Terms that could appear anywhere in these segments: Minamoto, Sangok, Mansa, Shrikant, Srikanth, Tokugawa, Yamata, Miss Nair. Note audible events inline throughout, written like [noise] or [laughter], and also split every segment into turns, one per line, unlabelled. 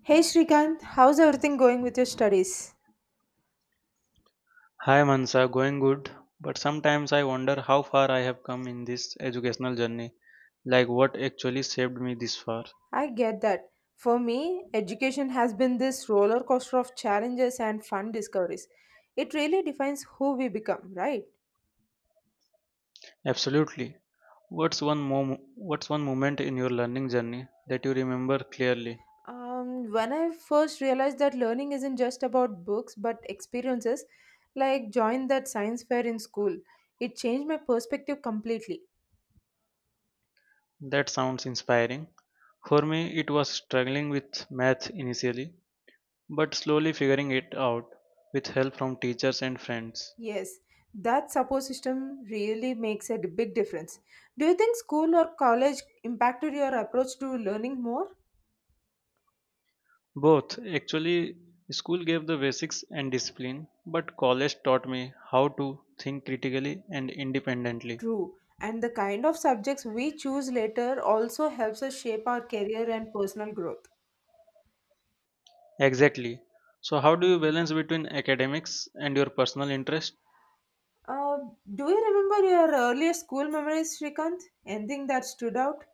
Hey Shrikant, how's everything going with your studies?
Hi Mansa, going good, but sometimes I wonder how far I have come in this educational journey, like what actually saved me this far.
I get that. For me, education has been this roller coaster of challenges and fun discoveries. It really defines who we become, right?
Absolutely. What's one moment in your learning journey that you remember clearly?
When I first realized that learning isn't just about books but experiences, like join that science fair in school, it changed my perspective completely.
That sounds inspiring. For me, it was struggling with math initially, but slowly figuring it out with help from teachers and friends.
Yes, that support system really makes a big difference. Do you think school or college impacted your approach to learning more?
Both. Actually, school gave the basics and discipline, but college taught me how to think critically and independently.
True. And the kind of subjects we choose later also helps us shape our career and personal growth.
Exactly. So, how do you balance between academics and your personal interest?
Uh, do you remember your earliest school memories, Shrikant? Anything that stood out?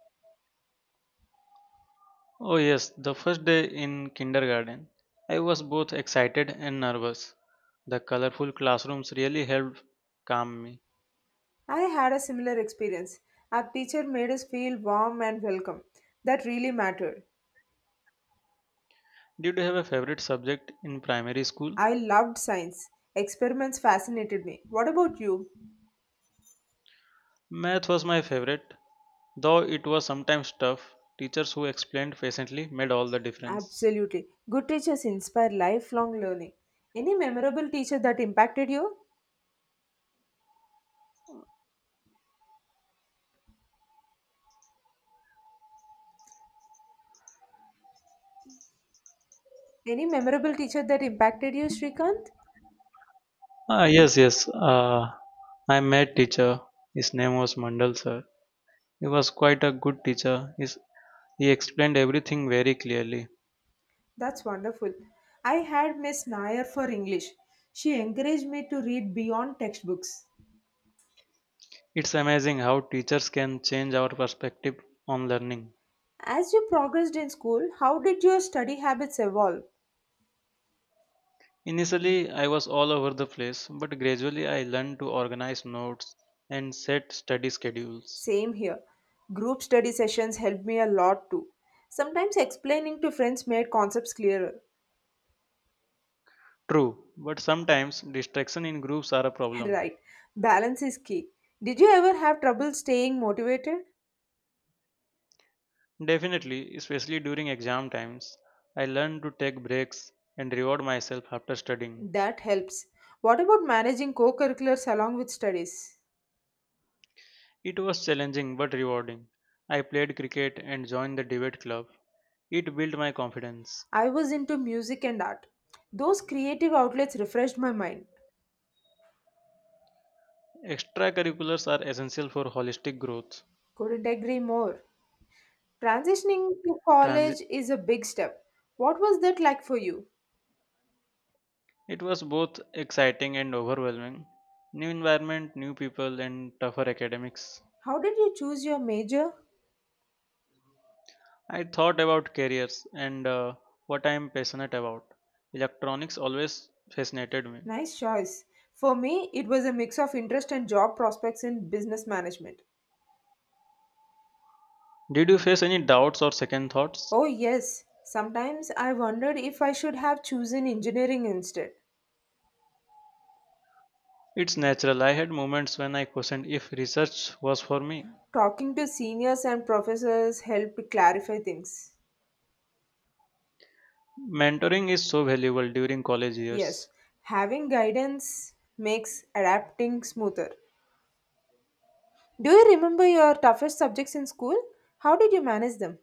Oh, yes, the first day in kindergarten. I was both excited and nervous. The colorful classrooms really helped calm me.
I had a similar experience. Our teacher made us feel warm and welcome. That really mattered.
Did you have a favorite subject in primary school?
I loved science. Experiments fascinated me. What about you?
Math was my favorite. Though it was sometimes tough, teachers who explained patiently made all the difference.
Absolutely. Good teachers inspire lifelong learning. Any memorable teacher that impacted you? Any memorable teacher that impacted you, Shrikant?
Ah, yes, yes. I met teacher. His name was Mandal sir. He was quite a good teacher. He explained everything very clearly.
That's wonderful. I had Miss Nair for English. She encouraged me to read beyond textbooks.
It's amazing how teachers can change our perspective on learning.
As you progressed in school, how did your study habits evolve?
Initially, I was all over the place, but gradually I learned to organize notes and set study schedules.
Same here. Group study sessions helped me a lot too. Sometimes explaining to friends made concepts clearer.
True, but sometimes distraction in groups are a
[laughs]
problem.
Right. Balance is key. Did you ever have trouble staying motivated?
Definitely, especially during exam times, I learned to take breaks and reward myself after studying.
That helps. What about managing co curriculars along with studies?
It was challenging but rewarding. I played cricket and joined the debate club. It built my confidence.
I was into music and art. Those creative outlets refreshed my mind.
Extracurriculars are essential for holistic growth.
Couldn't agree more. Transitioning to
Transi-
college is a big step. What was that like for you?
it was both exciting and overwhelming. New environment, new people, and tougher academics.
How did you choose your major?
I thought about careers and what I am passionate about. Electronics always fascinated me.
Nice choice. For me, it was a mix of interest and job prospects in business management.
Did you face any doubts or second thoughts?
Oh, yes. Sometimes I wondered if I should have chosen engineering instead.
It's natural. I had moments when I questioned if research was for me.
Talking to seniors and professors helped clarify things.
Mentoring is so valuable during college
Yes,
years.
having guidance makes adapting smoother. Do you remember your toughest subjects in school? How did you manage them?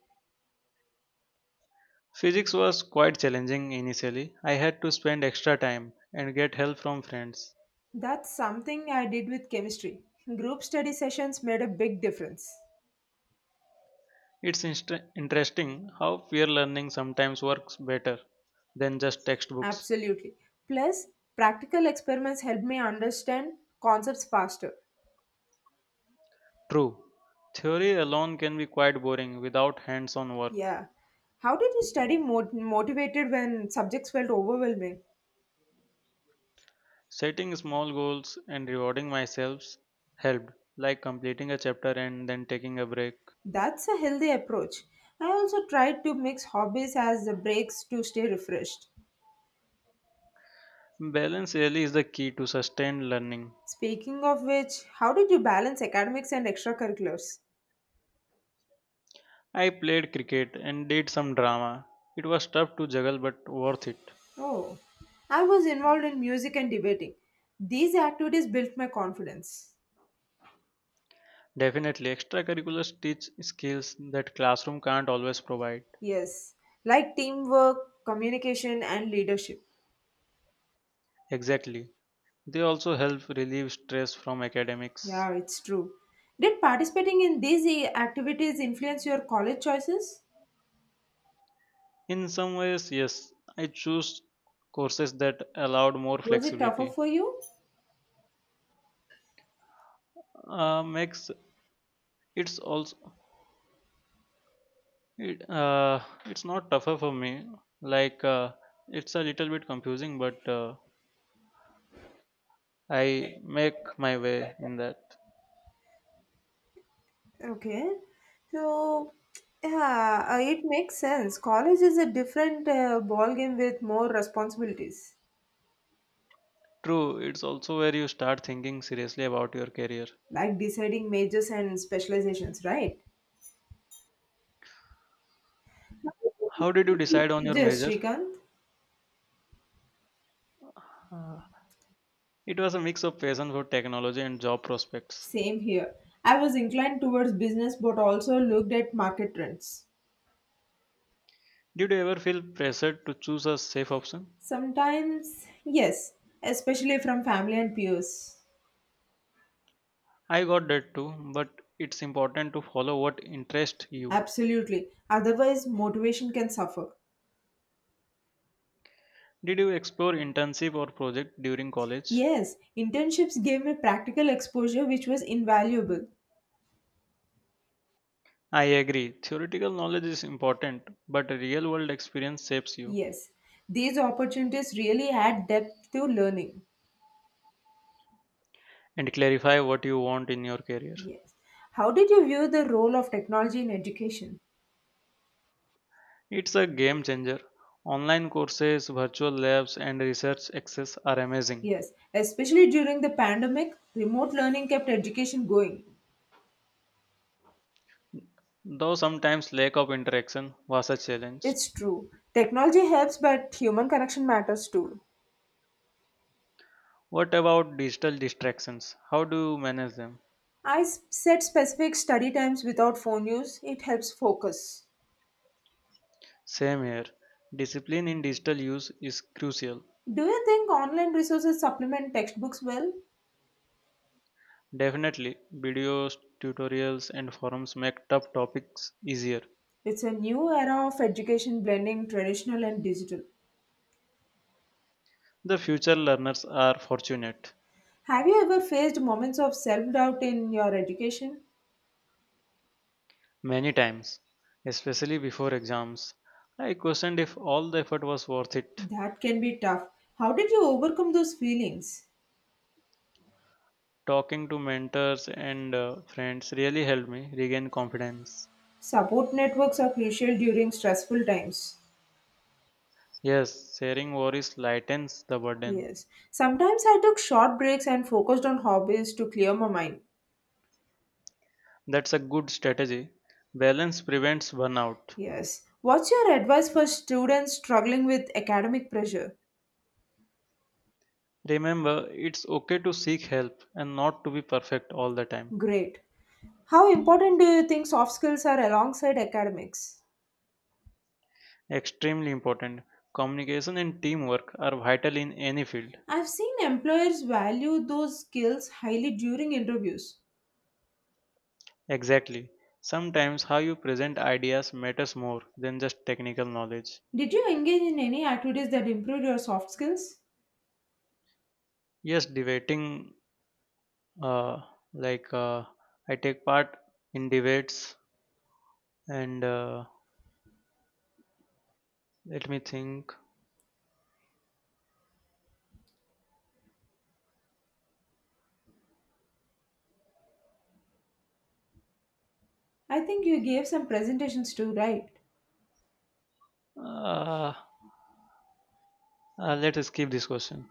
Physics was quite challenging initially. I had to spend extra time and get help from friends.
That's something I did with chemistry. Group study sessions made a big difference.
Interesting how peer learning sometimes works better than just textbooks.
Absolutely. Plus, practical experiments helped me understand concepts faster.
True, theory alone can be quite boring without hands on work.
Yeah. How did you motivated when subjects felt overwhelming?
Setting small goals and rewarding myself helped, like completing a chapter and then taking a break.
That's a healthy approach. I also tried to mix hobbies as the breaks to stay refreshed.
Balance really is the key to sustained learning.
Speaking of which, how did you balance academics and extracurriculars?
I played cricket and did some drama. It was tough to juggle but worth it.
Oh, I was involved in music and debating. These activities built my confidence.
Definitely, extracurriculars teach skills that classroom can't always provide.
Yes, like teamwork, communication, and leadership.
Exactly. They also help relieve stress from academics.
Yeah, it's true. Did participating in these activities influence your college choices?
In some ways, yes, I choose courses that allowed more
Was it tougher
flexibility.
for you?
Makes it's also It It's not tougher for me. Like uh, it's a little bit confusing, but I make my way in that.
Okay. So, yeah, it makes sense. College is a different ball game with more responsibilities.
True, it's also where you start thinking seriously about your career.
Like deciding majors and specializations, right?
How did you decide on your
Majors,
major?
Srikanth?
Uh, it was a mix of passion for technology and job prospects.
Same here. I was inclined towards business but also looked at market trends.
Did you ever feel pressured to choose a safe option?
Sometimes, yes, especially from family and peers.
I got that too, but it's important to follow what interests you.
Absolutely. Otherwise, motivation can suffer.
Did you explore intensive or project during college?
Yes, internships gave me practical exposure which was invaluable.
I agree. Theoretical knowledge is important, but real world experience shapes you
Yes, these opportunities really add depth to learning.
and clarify what you want in your career.
Yes. How did you view the role of technology in education?
It's a game changer. Online courses, virtual labs, and research access are amazing.
Yes, especially during the pandemic, remote learning kept education going.
Though sometimes lack of interaction was a challenge.
It's true. Technology helps, but human connection matters too.
What about digital distractions? How do you manage them?
I set specific study times without phone use. It helps focus.
Same here. Discipline in digital use is crucial.
Do you think online resources supplement textbooks well?
Definitely, videos, tutorials, and forums make tough topics easier.
It's a new era of education blending traditional and digital.
The future learners are fortunate.
Have you ever faced moments of self doubt in your education?
Many times, especially before exams, I questioned if all the effort was worth it.
That can be tough. How did you overcome those feelings?
Talking to mentors and friends really helped me regain confidence.
Support networks are crucial during stressful times.
Yes, sharing worries lightens the burden.
Yes. Sometimes I took short breaks and focused on hobbies to clear my mind.
That's a good strategy. Balance prevents burnout.
Yes. What's your advice for students struggling with academic pressure?
Remember, it's okay to seek help and not to be perfect all the time.
Great. How important do you think soft skills are alongside academics?
Extremely important. Communication and teamwork are vital in any field.
I've seen employers value those skills highly during interviews.
Exactly. Sometimes how you present ideas matters more than just technical knowledge.
Did you engage in any activities that improved your soft skills?
Yes, debating, uh, like uh, I take part in debates, and let me think.
I think you gave some presentations too, right?
Uh, Let us skip this question.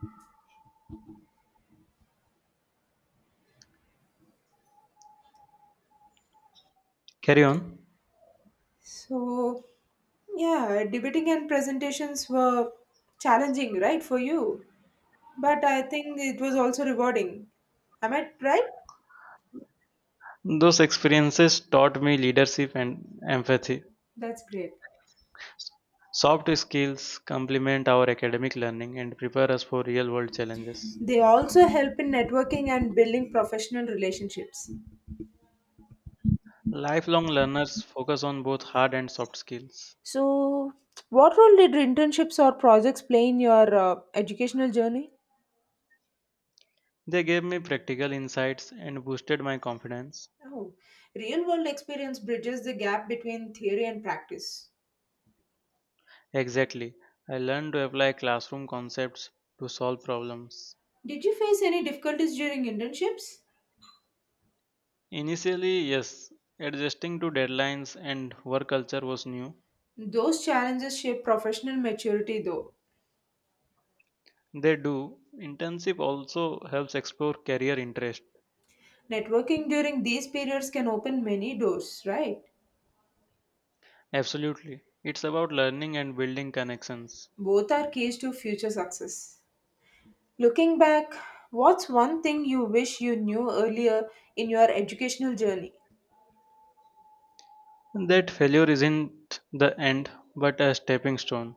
Carry on.
So, yeah, debating and presentations were challenging, right, for you. But I think it was also rewarding. Am I right?
Those experiences taught me leadership and empathy.
That's great.
Soft skills complement our academic learning and prepare us for real world challenges.
They also help in networking and building professional relationships.
Lifelong learners focus on both hard and soft skills.
So, what role did internships or projects play in your educational journey?
They gave me practical insights and boosted my confidence.
Oh, real world experience bridges the gap between theory and practice.
Exactly. I learned to apply classroom concepts to solve problems.
Did you face any difficulties during internships?
Initially, yes, adjusting to deadlines and work culture was new.
Those challenges shape professional maturity, though.
They do. Internship also helps explore career interest.
Networking during these periods can open many doors, right?
Absolutely. It's about learning and building connections.
Both are keys to future success. Looking back, what's one thing you wish you knew earlier in your educational journey?
That failure isn't the end, but a stepping stone.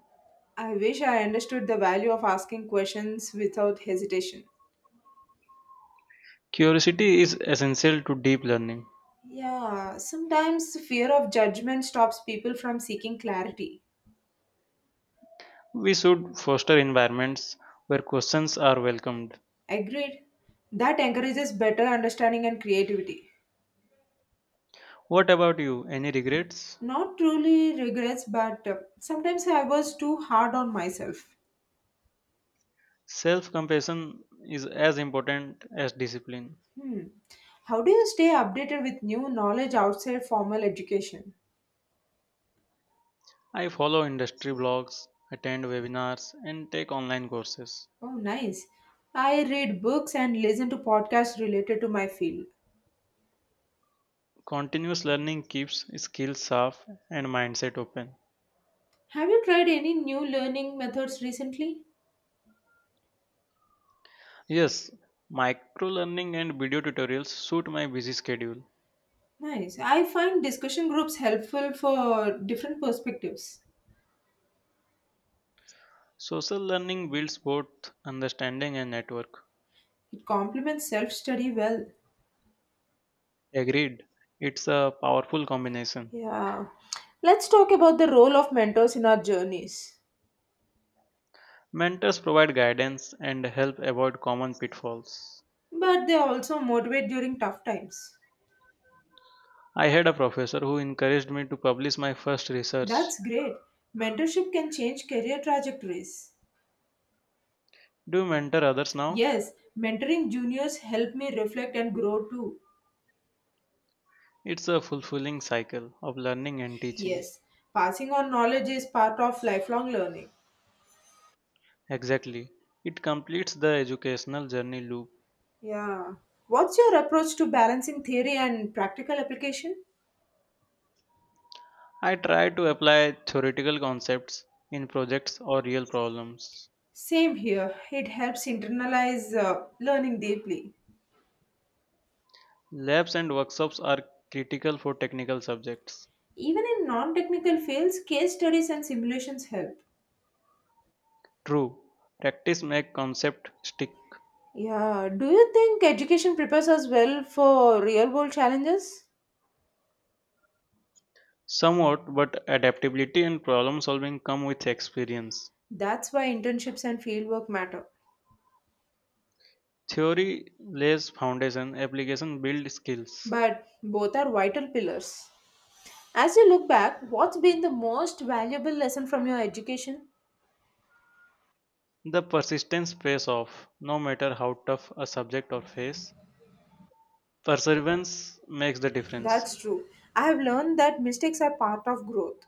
I wish I understood the value of asking questions without hesitation.
Curiosity is essential to deep learning.
Yeah, sometimes fear of judgment stops people from seeking clarity.
We should foster environments where questions are welcomed.
Agreed. That encourages better understanding and creativity.
What about you? Any regrets?
Not truly regrets, but sometimes I was too hard on myself.
Self compassion is as important as discipline.
Hmm. How do you stay updated with new knowledge outside formal education?
I follow industry blogs, attend webinars, and take online courses.
Oh, nice. I read books and listen to podcasts related to my field.
Continuous learning keeps skills sharp and mindset open.
Have you tried any new learning methods recently?
Yes, micro learning and video tutorials suit my busy schedule.
Nice. I find discussion groups helpful for different perspectives.
Social learning builds both understanding and network.
It complements self study well.
Agreed, it's a powerful combination.
Yeah. Let's talk about the role of mentors in our journeys.
Mentors provide guidance and help avoid common pitfalls.
But they also motivate during tough times.
I had a professor who encouraged me to publish my first research.
That's great. Mentorship can change career trajectories.
Do you mentor others now?
Yes, mentoring juniors helped me reflect and grow too.
It's a fulfilling cycle of learning and teaching.
Yes, passing on knowledge is part of lifelong learning.
Exactly. It completes the educational journey loop.
Yeah. What's your approach to balancing theory and practical application?
I try to apply theoretical concepts in projects or real problems.
Same here. It helps internalize learning deeply.
Labs and workshops are critical for technical subjects.
Even in non technical fields, case studies and simulations help.
True, practice makes concept stick.
Yeah, do you think education prepares us well for real world challenges?
Somewhat, but adaptability and problem solving come with experience.
That's why internships and fieldwork matter.
Theory lays foundation, application builds skills.
But both are vital pillars. As you look back, what's been the most valuable lesson from your education?
The persistence pays off, no matter how tough a subject or phase. Perseverance makes the difference.
That's true. I have learned that mistakes are part of growth.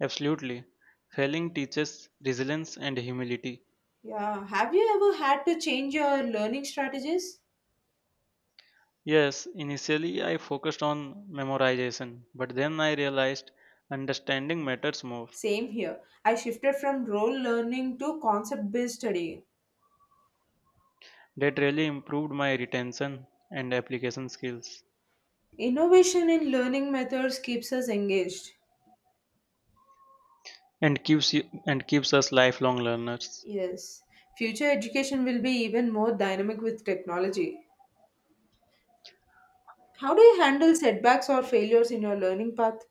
Absolutely. Failing teaches resilience and humility.
Yeah, have you ever had to change your learning strategies?
Yes, initially I focused on memorization, but then I realized understanding matters more.
Same here. I shifted from role learning to concept based studying.
That really improved my retention and application skills.
Innovation in learning methods keeps us engaged.
And keeps us lifelong learners.
Yes, future education will be even more dynamic with technology. How do you handle setbacks or failures in your learning path?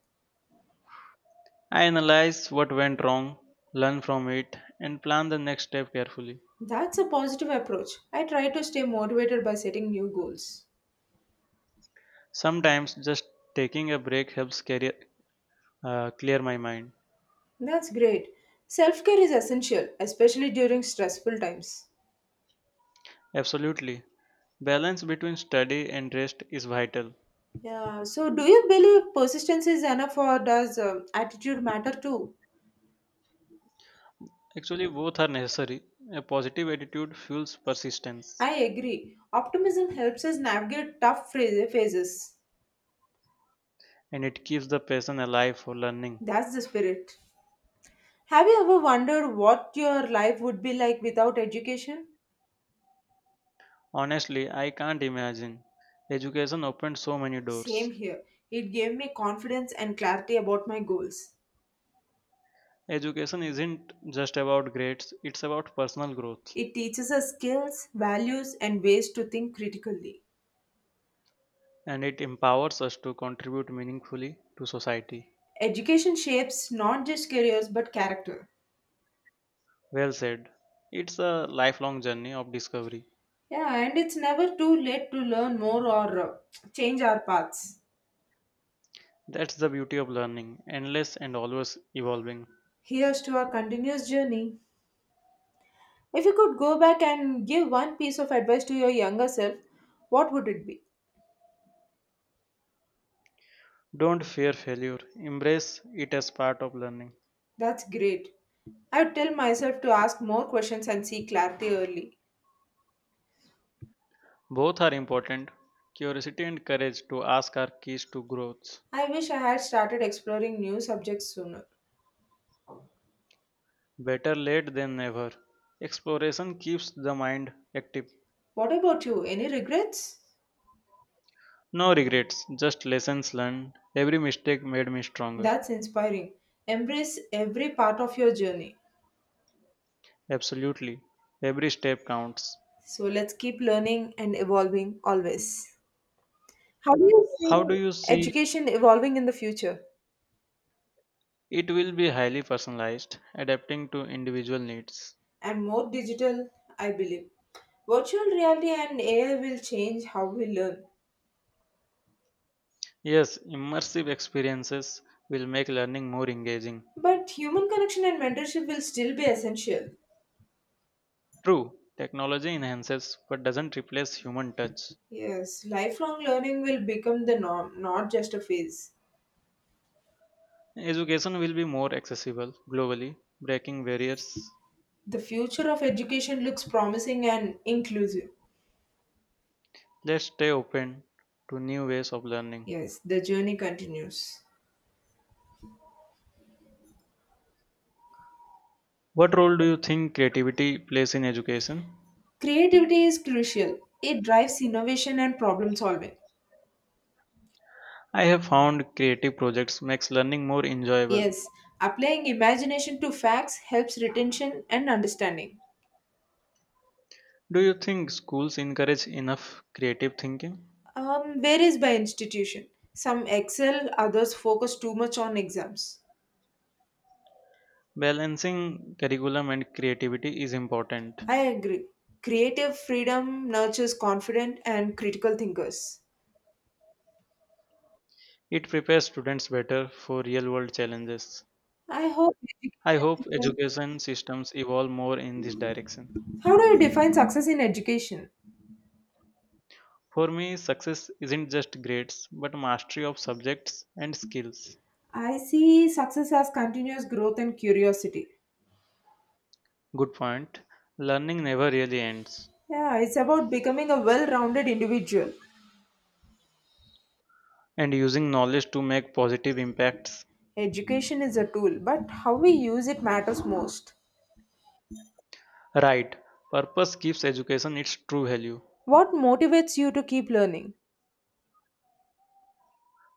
I analyze what went wrong, learn from it, and plan the next step carefully.
That's a positive approach. I try to stay motivated by setting new goals.
Sometimes just taking a break helps carry, clear my mind.
That's great. Self care is essential, especially during stressful times.
Absolutely. Balance between study and rest is vital.
Yeah, so do you believe persistence is enough or does attitude matter too?
Actually, both are necessary. A positive attitude fuels persistence
I agree. Optimism helps us navigate phases.
and it keeps the passion alive for learning.
That's the spirit. Have you ever wondered what your life would be like without education?
Honestly, I can't imagine. Education opened so many doors.
Same here. It gave me confidence and clarity about my goals.
Education isn't just about grades, it's about personal growth,
It teaches us skills, values, and ways to think critically.
and it empowers us to contribute meaningfully to society.
Education shapes not just careers but character.
Well said. It's a lifelong journey of discovery.
Yeah, and it's never too late to learn more or change our paths.
That's the beauty of learning, endless and always evolving.
Here's to our continuous journey. If you could go back and give one piece of advice to your younger self, what would it be?
Don't fear failure, embrace it as part of learning.
That's great. I would tell myself to ask more questions and seek clarity early.
Both are important curiosity and courage to ask are keys to growth.
I wish I had started exploring new subjects sooner.
Better late than never. Exploration keeps the mind active.
What about you? Any regrets?
No regrets, just lessons learned. Every mistake made me stronger.
That's inspiring. Embrace every part of your journey.
Absolutely. Every step counts.
So let's keep learning and evolving always. How do you
How do
see
you see
education evolving in the future?
it will be highly personalized, adapting to individual needs?
And more digital, I believe. Virtual reality and AI will change how we learn,
Yes, immersive experiences will make learning more engaging.
but human connection and mentorship will still be essential.
True, technology enhances but doesn't replace human touch.
Yes, lifelong learning will become the norm, not just a phase.
Education will be more accessible globally, breaking barriers.
The future of education looks promising and inclusive.
Let's stay open to new ways of learning.
Yes, the journey continues.
What role do you think creativity plays in education?
Creativity is crucial. It drives innovation and problem solving.
I have found creative projects makes learning more enjoyable.
Yes, applying imagination to facts helps retention and understanding.
Do you think schools encourage enough creative thinking?
Varies by institution. Some excel, others focus too much on exams.
Balancing curriculum and creativity is important.
I agree. Creative freedom nurtures confident and critical thinkers.
It prepares students better for real-world challenges.
I hope education
I hope
system.
education systems evolve more in this direction.
How do you define success in education?
For me, success isn't just grades, but mastery of subjects and skills.
I see success as continuous growth and curiosity.
Good point. Learning never really ends,
Yeah, it's about becoming a well rounded individual.
and using knowledge to make positive impacts.
Education is a tool, but how we use it matters most.
Right. Purpose gives education its true value.
What motivates you to keep learning?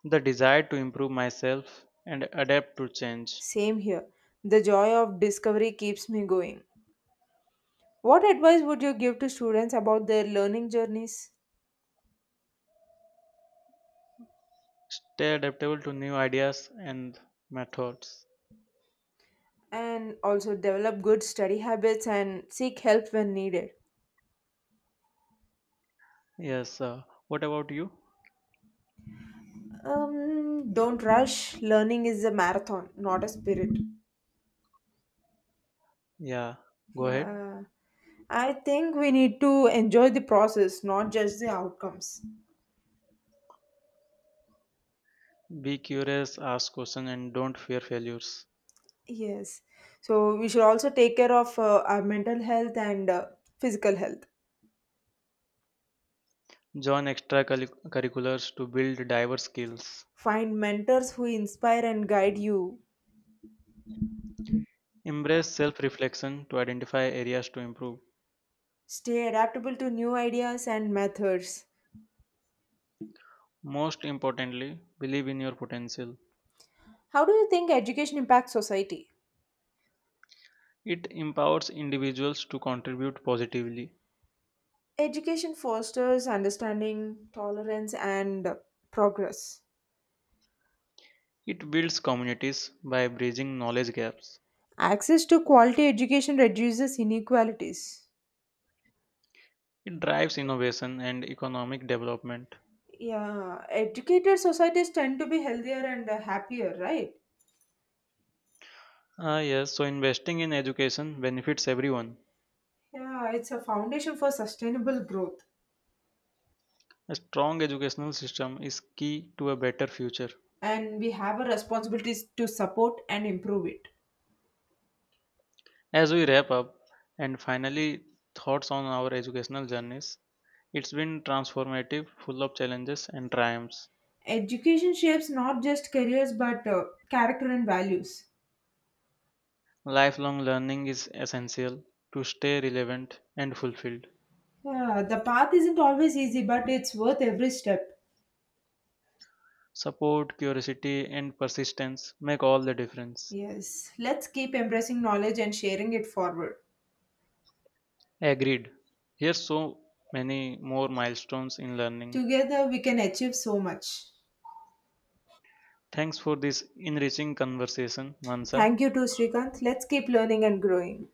The desire to improve myself and adapt to change.
Same here. The joy of discovery keeps me going. What advice would you give to students about their learning journeys?
Stay adaptable to new ideas and methods.
And also develop good study habits and seek help when needed.
Yes. What about you?
Don't rush. Learning is a marathon, not a spirit.
Yeah. Go ahead.
Yeah. I think we need to enjoy the process, not just the outcomes.
Be curious, ask questions, and don't fear failures.
Yes. So we should also take care of our mental health and physical health.
Join extra curriculars to build diverse skills.
Find mentors who inspire and guide you.
Embrace self reflection to identify areas to improve.
Stay adaptable to new ideas and methods.
Most importantly, believe in your potential.
How do you think education impacts society?
It empowers individuals to contribute positively.
Education fosters understanding, tolerance, and progress.
It builds communities by bridging knowledge gaps.
Access to quality education reduces inequalities.
It drives innovation and economic development.
Yeah, educated societies tend to be healthier and happier, right?
Ah, yes, so investing in education benefits everyone.
Yeah, it's a foundation for sustainable growth,
A strong educational system is key to a better future.
and we have a responsibility to support and improve it.
As we wrap up and finally, thoughts on our educational journeys, it's been transformative, full of challenges and triumphs.
Education shapes not just careers but character and values.
Lifelong learning is essential to stay relevant and fulfilled.
Yeah, the path isn't always easy, but it's worth every step.
Support, curiosity, and persistence make all the difference.
Yes, let's keep embracing knowledge and sharing it forward.
Agreed. Here's so many more milestones in learning.
Together, we can achieve so much.
Thanks for this enriching conversation, Mansa.
Thank you to Srikanth. Let's keep learning and growing.